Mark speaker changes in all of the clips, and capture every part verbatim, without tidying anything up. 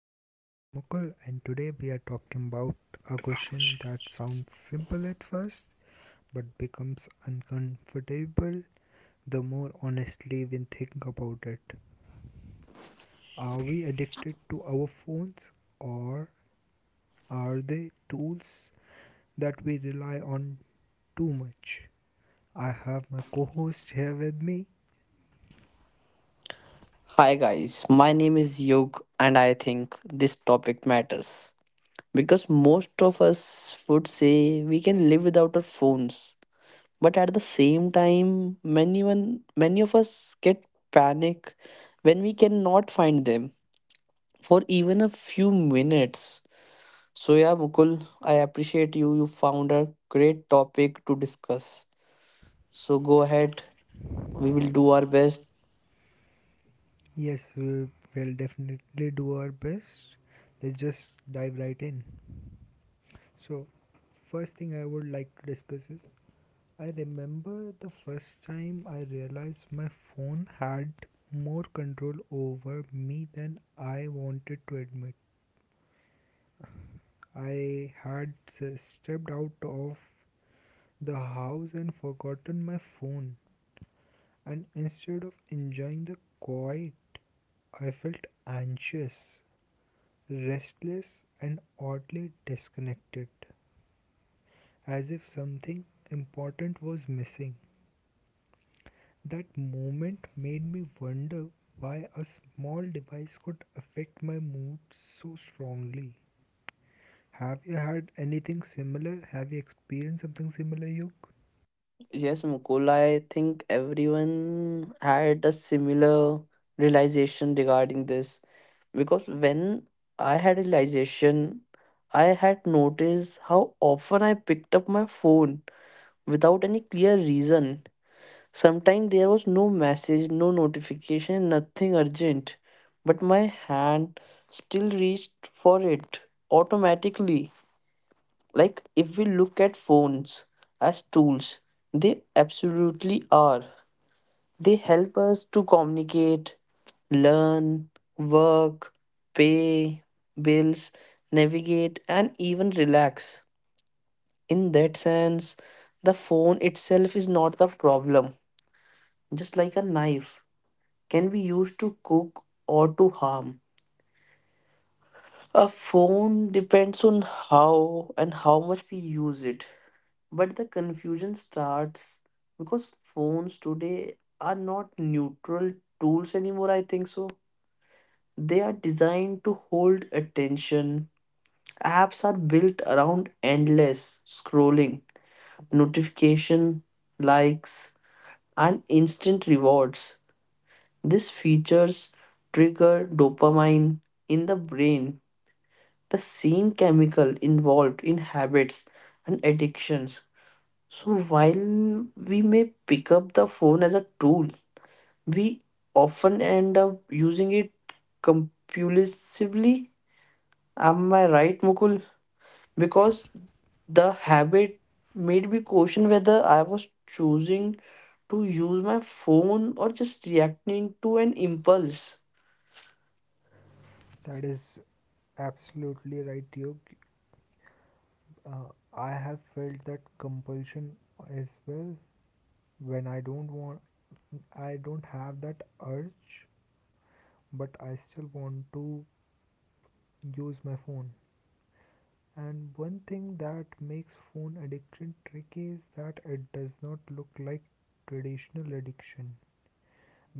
Speaker 1: My name is Mukul and today we are talking about a question that sounds simple at first but becomes uncomfortable the more honestly we think about it. Are we addicted to our phones or are they tools that we rely on too much? I have my co-host here with me.
Speaker 2: Hi guys, my name is Yog and I think this topic matters because most of us would say we can live without our phones, but at the same time, many one, many of us get panic when we cannot find them for even a few minutes. So, yeah, Mukul, I appreciate you you found a great topic to discuss. So go ahead, we will do our best.
Speaker 1: Yes, we will definitely do our best. Let's just dive right in. So, first thing I would like to discuss is I remember the first time I realized my phone had more control over me than I wanted to admit. I had s- stepped out of the house and forgotten my phone, and instead of enjoying the quiet, I felt anxious, restless, and oddly disconnected, as if something important was missing. That moment made me wonder why a small device could affect my mood so strongly. Have you had anything similar? Have you experienced something similar, Yog?
Speaker 2: Yes, Mukul, I think everyone had a similar realization regarding this because when I had realization, I had noticed how often I picked up my phone without any clear reason. Sometimes there was no message, no notification, nothing urgent, but my hand still reached for it automatically. Like, if we look at phones as tools, they absolutely are. They help us to communicate, learn, work, pay bills, navigate, and even relax. In that sense, the phone itself is not the problem. Just like a knife can be used to cook or to harm. A phone depends on how and how much we use it. But the confusion starts because phones today are not neutral tools anymore, I think so. They are designed to hold attention. Apps are built around endless scrolling, notification, likes, and instant rewards. These features trigger dopamine in the brain, the same chemical involved in habits and addictions. So while we may pick up the phone as a tool, we often end up using it compulsively. Am I right, Mukul? Because the habit made me question whether I was choosing to use my phone or just reacting to an impulse.
Speaker 1: That is absolutely right, Yog. Uh, I have felt that compulsion as well when I don't want, I don't have that urge, but I still want to use my phone. And one thing that makes phone addiction tricky is that it does not look like traditional addiction.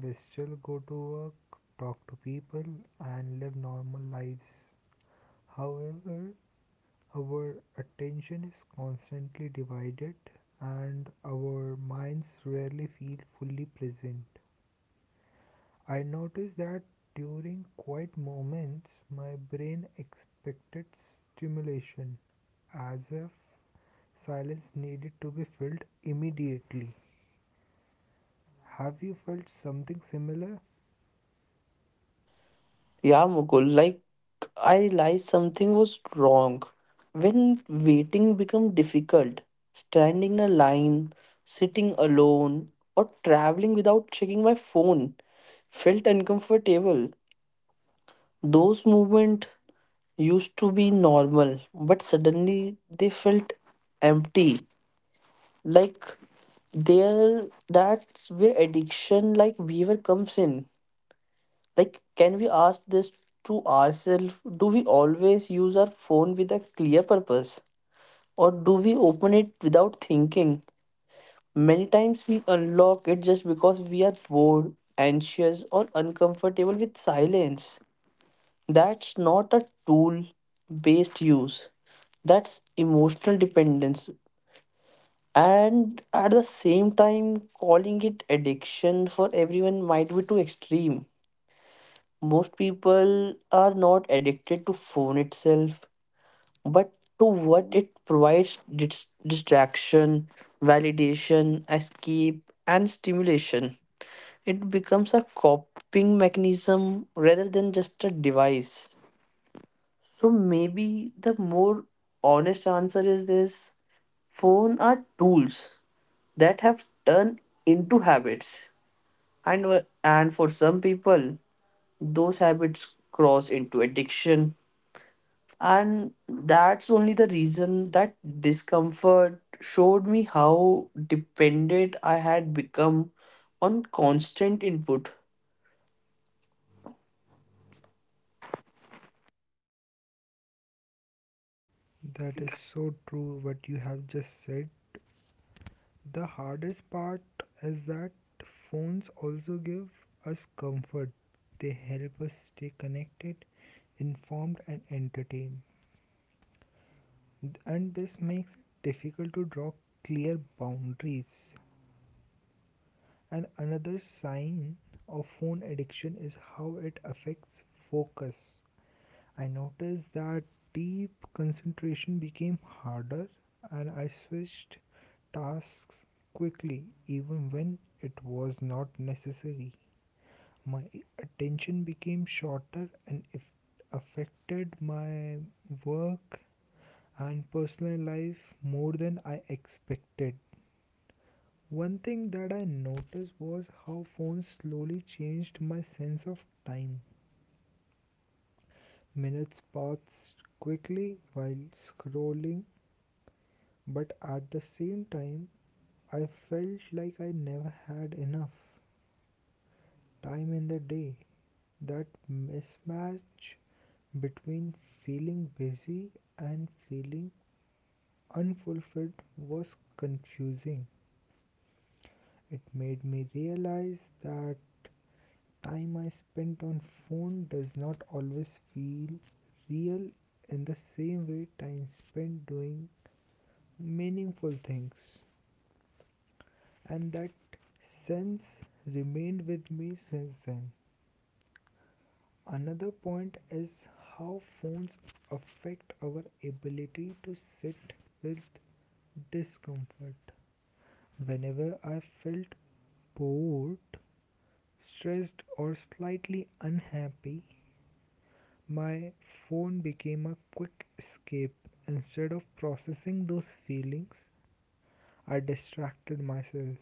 Speaker 1: We still go to work, talk to people, and live normal lives. However, our attention is constantly divided and our minds rarely feel fully present. I noticed that during quiet moments, my brain expected stimulation, as if silence needed to be filled immediately. Have you felt something similar?
Speaker 2: Yeah, Mukul, like, I realized something was wrong. When waiting become difficult, standing in a line, sitting alone, or traveling without checking my phone felt uncomfortable. Those movements used to be normal, but suddenly they felt empty, like there that's where addiction like behavior comes in. Like, can we ask this to ourselves? Do we always use our phone with a clear purpose, or do we open it without thinking? Many times we unlock it just because we are bored, anxious, or uncomfortable with silence. That's not a tool based use, that's emotional dependence. And at the same time, calling it addiction for everyone might be too extreme. Most people are not addicted to phone itself, but to what it provides: dis- distraction, validation, escape, and stimulation. It becomes a coping mechanism rather than just a device. So maybe the more honest answer is this: phone are tools that have turned into habits, and w- and for some people those habits cross into addiction. And that's only the reason that discomfort showed me how dependent I had become on constant input.
Speaker 1: That is so true, what you have just said. The hardest part is that phones also give us comfort. They help us stay connected, informed, and entertained. And this makes it difficult to draw clear boundaries. And another sign of phone addiction is how it affects focus. I noticed that deep concentration became harder and I switched tasks quickly, even when it was not necessary. My attention became shorter and it affected my work and personal life more than I expected. One thing that I noticed was how phones slowly changed my sense of time. Minutes passed quickly while scrolling, but at the same time, I felt like I never had enough time in the day. That mismatch between feeling busy and feeling unfulfilled was confusing. It made me realize that time I spent on phone does not always feel real in the same way time spent doing meaningful things. And that sense remained with me since then. Another point is how phones affect our ability to sit with discomfort. Whenever I felt bored, stressed, or slightly unhappy, my phone became a quick escape. Instead of processing those feelings, I distracted myself.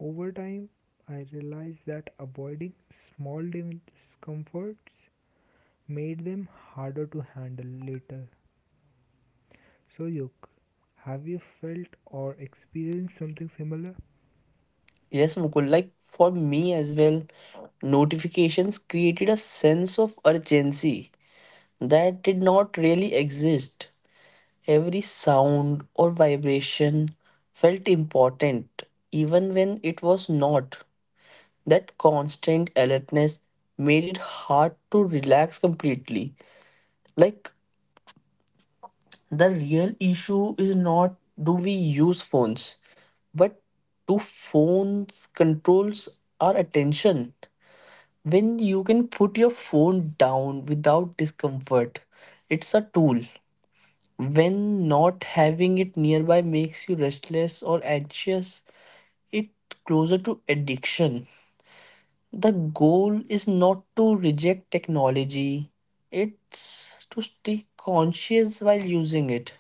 Speaker 1: Over time, I realized that avoiding small discomforts made them harder to handle later. So, Yuk, have you felt or experienced something similar?
Speaker 2: Yes, Mukul, like for me as well, notifications created a sense of urgency that did not really exist. Every sound or vibration felt important, even when it was not. That constant alertness made it hard to relax completely. Like, the real issue is not, do we use phones, but do phones controls our attention? When you can put your phone down without discomfort, it's a tool. When not having it nearby makes you restless or anxious, it closer to addiction. The goal is not to reject technology, it's to stay conscious while using it.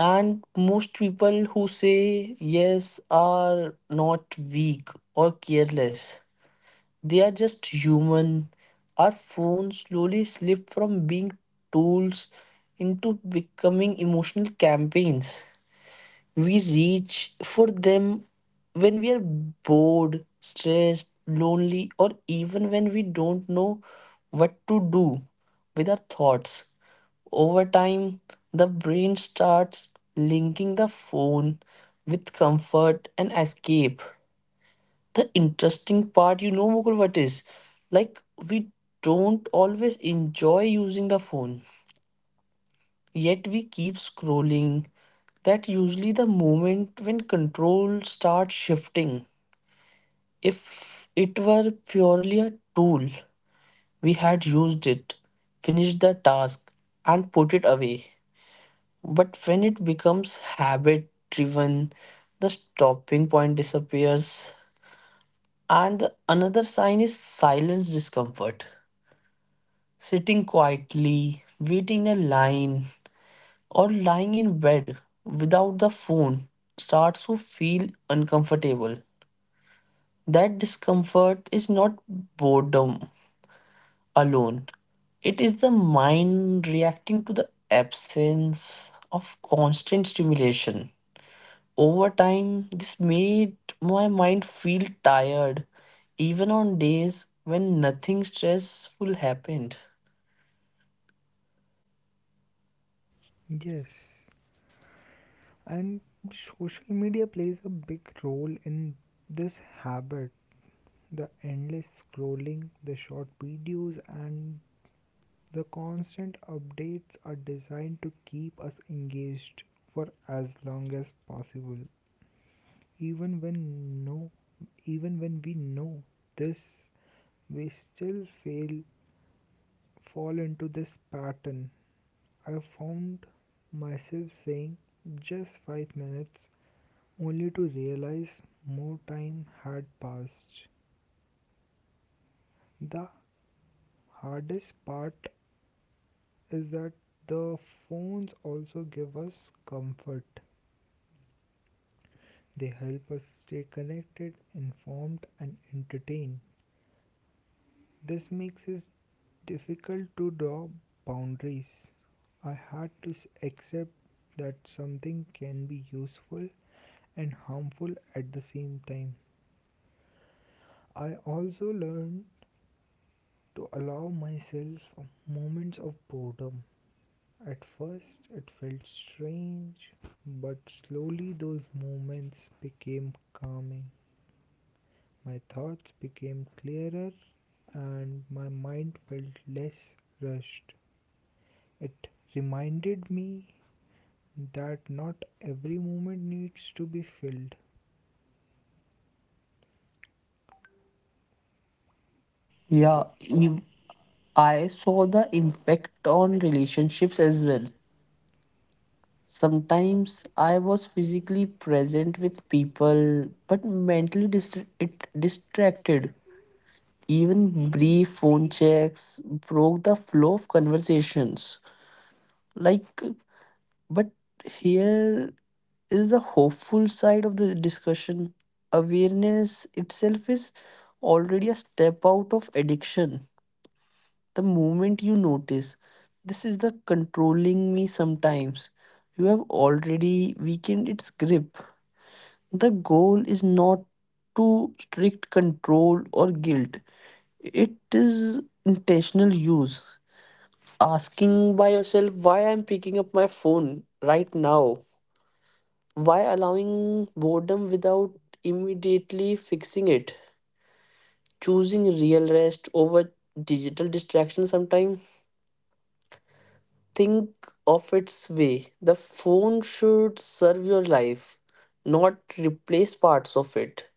Speaker 2: And most people who say yes are not weak or careless. They are just human. Our phones slowly slip from being tools into becoming emotional campaigns. We reach for them when we are bored, stressed, lonely, or even when we don't know what to do with our thoughts. Over time, the brain starts linking the phone with comfort and escape. The interesting part, you know, Mukul, what is, like, we don't always enjoy using the phone. Yet we keep scrolling. That usually the moment when control starts shifting. If it were purely a tool, we had used it, finished the task, and put it away. But when it becomes habit driven, the stopping point disappears. And the another sign is silence discomfort. Sitting quietly, waiting in a line, or lying in bed without the phone starts to feel uncomfortable. That discomfort is not boredom alone, it is the mind reacting to the absence of constant stimulation. Over time, this made my mind feel tired even on days when nothing stressful happened.
Speaker 1: Yes, and social media plays a big role in this habit, the endless scrolling, the short videos, and the constant updates are designed to keep us engaged for as long as possible. Even when no Even when we know this, we still fail fall into this pattern. I found myself saying just five minutes, only to realize more time had passed. The hardest part is that the phones also give us comfort. They help us stay connected, informed, and entertained. This makes us difficult to draw boundaries. I had to s- accept that something can be useful and harmful at the same time. I also learned to allow myself moments of boredom. At first, it felt strange, but slowly those moments became calming. My thoughts became clearer and my mind felt less rushed. It reminded me that not every moment needs to be filled.
Speaker 2: Yeah,
Speaker 1: But
Speaker 2: ev- I saw the impact on relationships as well. Sometimes I was physically present with people, but mentally dist- it distracted. Even brief phone checks broke the flow of conversations. Like, but here is the hopeful side of the discussion. Awareness itself is already a step out of addiction. The moment you notice, this is the controlling me sometimes, you have already weakened its grip. The goal is not to strict control or guilt. It is intentional use. Asking by yourself why I'm picking up my phone right now. Why allowing boredom without immediately fixing it? Choosing real rest over digital distraction sometime. Think of its way. The phone should serve your life, not replace parts of it.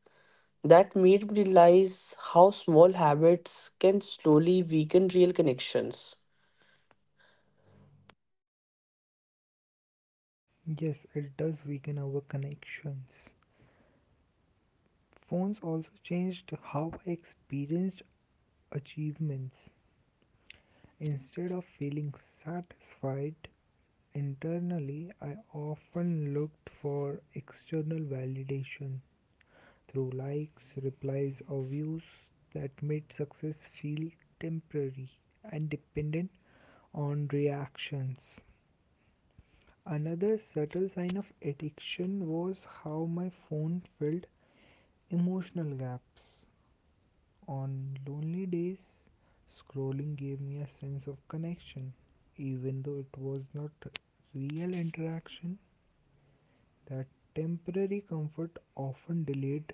Speaker 2: That made me realize how small habits can slowly weaken real connections.
Speaker 1: Yeah, yes, it does weaken our connections. Phones also changed how I experienced achievements. Instead of feeling satisfied internally, I often looked for external validation through likes, replies, or views that made success feel temporary and dependent on reactions. Another subtle sign of addiction was how my phone filled emotional gaps. On lonely days, scrolling gave me a sense of connection, even though it was not real interaction. That temporary comfort often delayed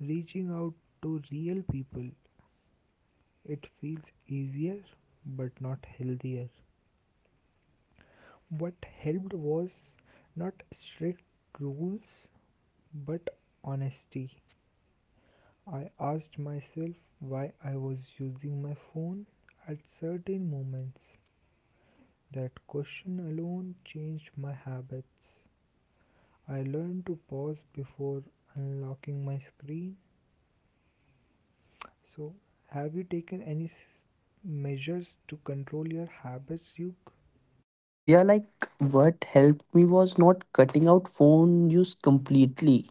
Speaker 1: reaching out to real people. It feels easier but not healthier. What helped was not strict rules but honesty. I asked myself why I was using my phone at certain moments. That question alone changed my habits. I learned to pause before unlocking my screen. So, have you taken any s- measures to control your habits, Yug?
Speaker 2: Yeah, like, what helped me was not cutting out phone use completely,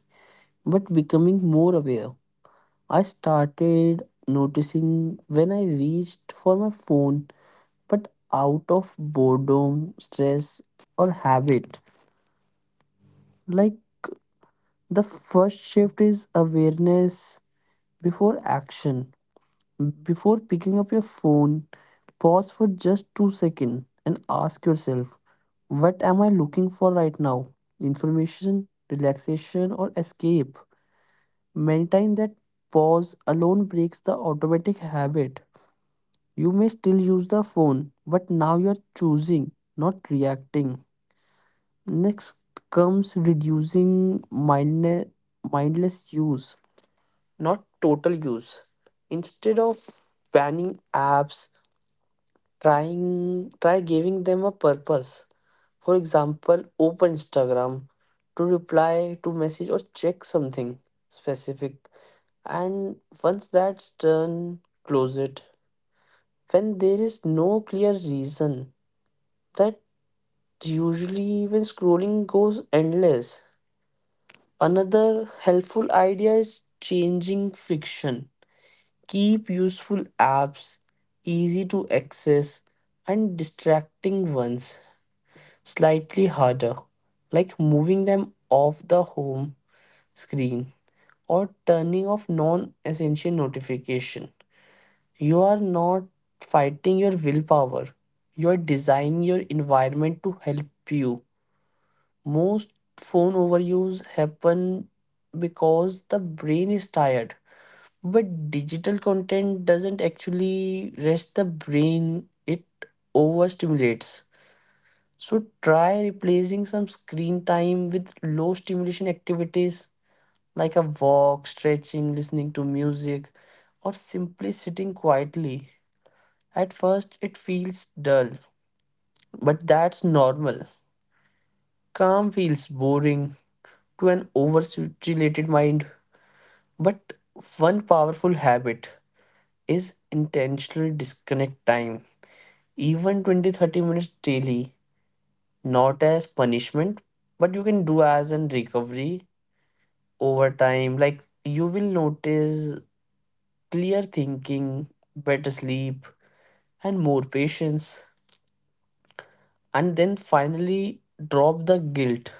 Speaker 2: but becoming more aware. I started noticing when I reached for my phone, but out of boredom, stress, or habit. Like, the first shift is awareness before action. Before picking up your phone, pause for just two seconds and ask yourself, what am I looking for right now? Information, relaxation, or escape? Maintain that pause alone breaks the automatic habit. You may still use the phone, but now you're choosing, not reacting. Next comes reducing mindne- mindless use, not total use. Instead of banning apps, trying try giving them a purpose. For example, open Instagram to reply to message or check something specific, and once that's done, close it. When there is no clear reason, that usually when scrolling goes endless. Another helpful idea is changing friction. Keep useful apps easy to access and distracting ones slightly harder, like moving them off the home screen or turning off non essential notification. You are not fighting your willpower. You are designing your environment to help you. Most phone overuse happen because the brain is tired. But digital content doesn't actually rest the brain, it overstimulates. So try replacing some screen time with low stimulation activities like a walk, stretching, listening to music, or simply sitting quietly. At first, it feels dull, but that's normal. Calm feels boring to an overstimulated mind. But one powerful habit is intentional disconnect time, even twenty thirty minutes daily, not as punishment, but you can do as an recovery over time. Like, you will notice clear thinking, better sleep, and more patience. And then finally, drop the guilt,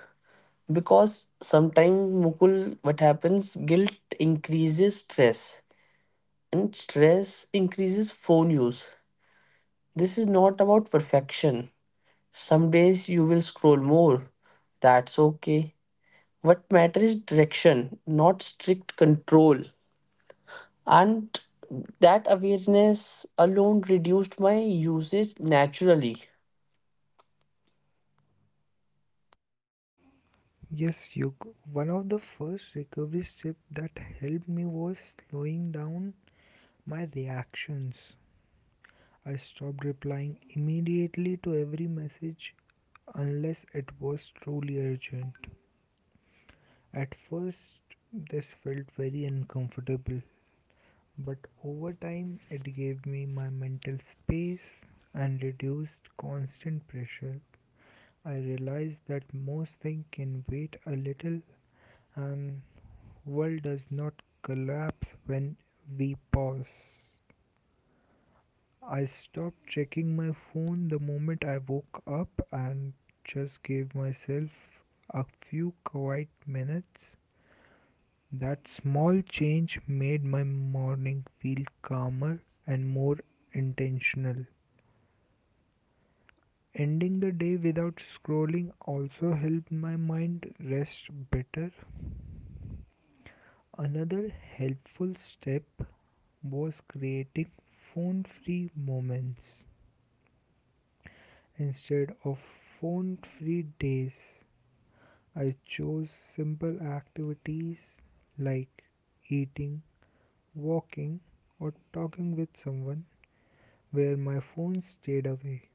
Speaker 2: because sometimes, Mukul, what happens, guilt increases stress and stress increases phone use. This is not about perfection. Some days you will scroll more, that's okay. What matters is direction, not strict control. And that awareness alone reduced my usage naturally.
Speaker 1: Yes, Yug. One of the first recovery steps that helped me was slowing down my reactions. I stopped replying immediately to every message unless it was truly urgent. At first, this felt very uncomfortable, but over time, it gave me my mental space and reduced constant pressure. I realized that most things can wait a little and the world does not collapse when we pause. I stopped checking my phone the moment I woke up and just gave myself a few quiet minutes. That small change made my morning feel calmer and more intentional. Ending the day without scrolling also helped my mind rest better. Another helpful step was creating phone free moments instead of phone free days. I chose simple activities like eating, walking, or talking with someone where my phone stayed away.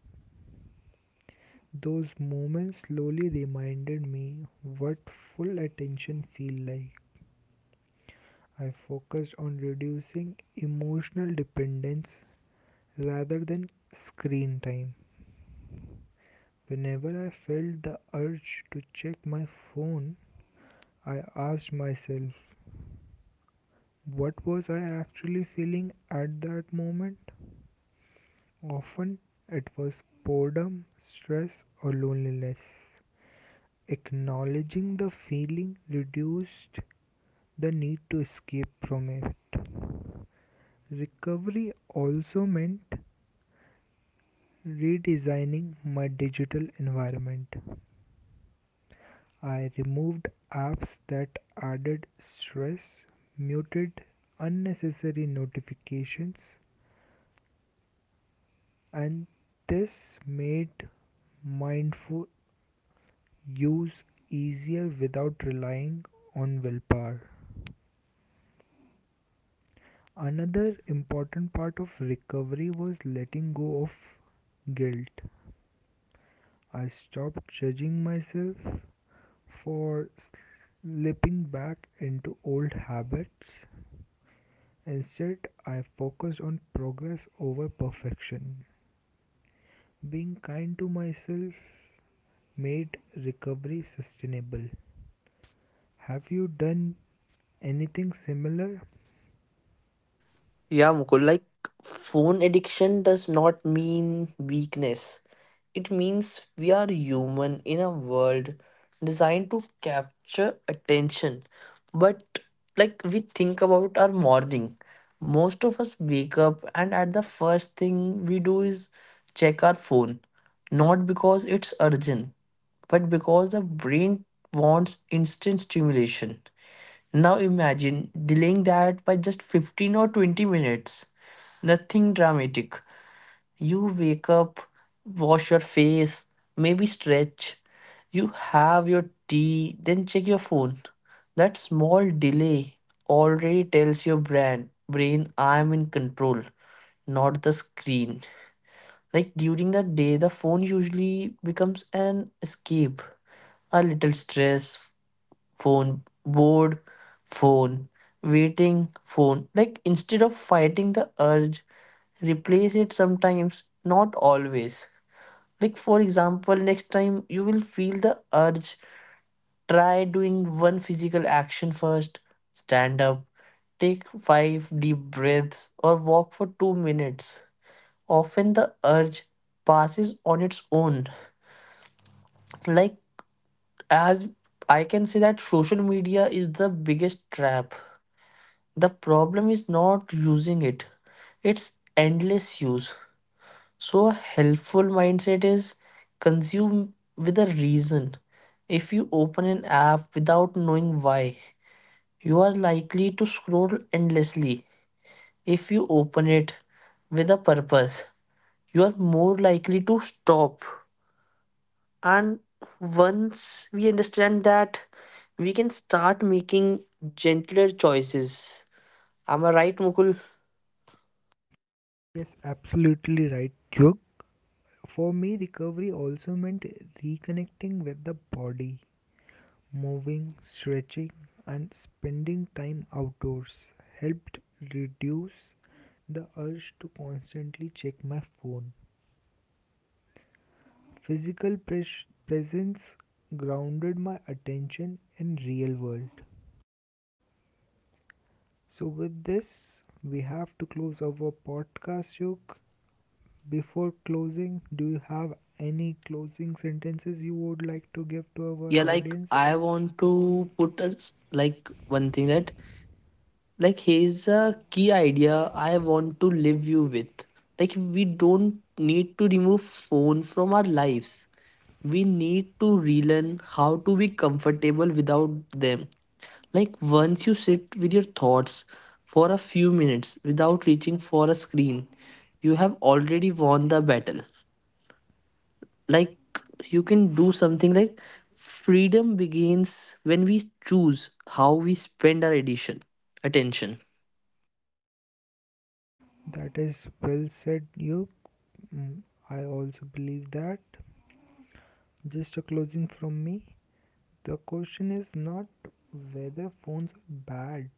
Speaker 1: Those moments slowly reminded me what full attention feels like. I focused on reducing emotional dependence rather than screen time. Whenever I felt the urge to check my phone, I asked myself, what was I actually feeling at that moment? Often it was boredom, stress, or loneliness. Acknowledging the feeling reduced the need to escape from it. Recovery also meant redesigning my digital environment. I removed apps that added stress, muted unnecessary notifications, and this made mindful use easier without relying on willpower. Another important part of recovery was letting go of guilt. I stopped judging myself for slipping back into old habits. Instead, I focused on progress over perfection. Being kind to myself made recovery sustainable. Have you done anything similar?
Speaker 2: Yeah, Mukul, like, phone addiction does not mean weakness. It means we are human in a world designed to capture attention. But like we think about our morning, most of us wake up and at the first thing we do is check our phone. Not because it's urgent, but because the brain wants instant stimulation. Now imagine delaying that by just fifteen or twenty minutes. Nothing dramatic. You wake up, wash your face, maybe stretch. You have your tea, then check your phone. That small delay already tells your brain, brain I'm in control, not the screen. Like, during the day, the phone usually becomes an escape. A little stress, phone. Bored, phone. Waiting, phone. Like, instead of fighting the urge, replace it sometimes, not always. Like, for example, next time you will feel the urge, try doing one physical action first. Stand up, take five deep breaths, or walk for two minutes. Often the urge passes on its own. Like, as I can say, that social media is the biggest trap. The problem is not using it, it's endless use. So, a helpful mindset is consume with a reason. If you open an app without knowing why, you are likely to scroll endlessly. If you open it with a purpose, you are more likely to stop. And once we understand that, we can start making gentler choices. Am I right, Mukul?
Speaker 1: Yes, absolutely right, Jug. For me, recovery also meant reconnecting with the body. Moving, stretching, and spending time outdoors helped reduce the urge to constantly check my phone. Physical pres- presence grounded my attention in real world. So with this, we have to close our podcast, Jug. Before closing, do you have any closing sentences you would like to give to our, yeah,
Speaker 2: Yeah, like,
Speaker 1: audience?
Speaker 2: I want to put us, like, one thing that, like, here's a key idea I want to leave you with. Like, we don't need to remove phone from our lives. We need to relearn how to be comfortable without them. Like, once you sit with your thoughts for a few minutes without reaching for a screen, you have already won the battle, like, you can do something like freedom begins when we choose how we spend our addition attention.
Speaker 1: That is well said, you. Mm, I also believe that. Just a closing from me. The question is not whether phones are bad,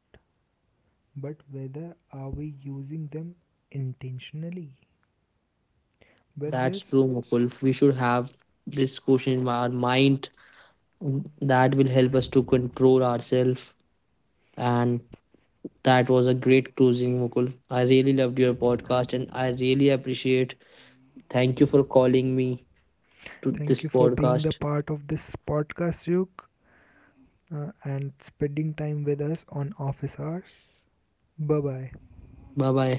Speaker 1: but whether are we using them intentionally. With thank
Speaker 2: That's
Speaker 1: this,
Speaker 2: true, Mukul.
Speaker 1: thank
Speaker 2: We should have this question in our mind that will help us to control ourselves. And that was a great closing, Mukul. I really loved your podcast and I really appreciate. Thank you for calling me to
Speaker 1: Thank
Speaker 2: this
Speaker 1: you for being the
Speaker 2: podcast.
Speaker 1: part of this podcast, Yuk. uh, and spending time with us on office hours. Bye bye.
Speaker 2: Bye bye.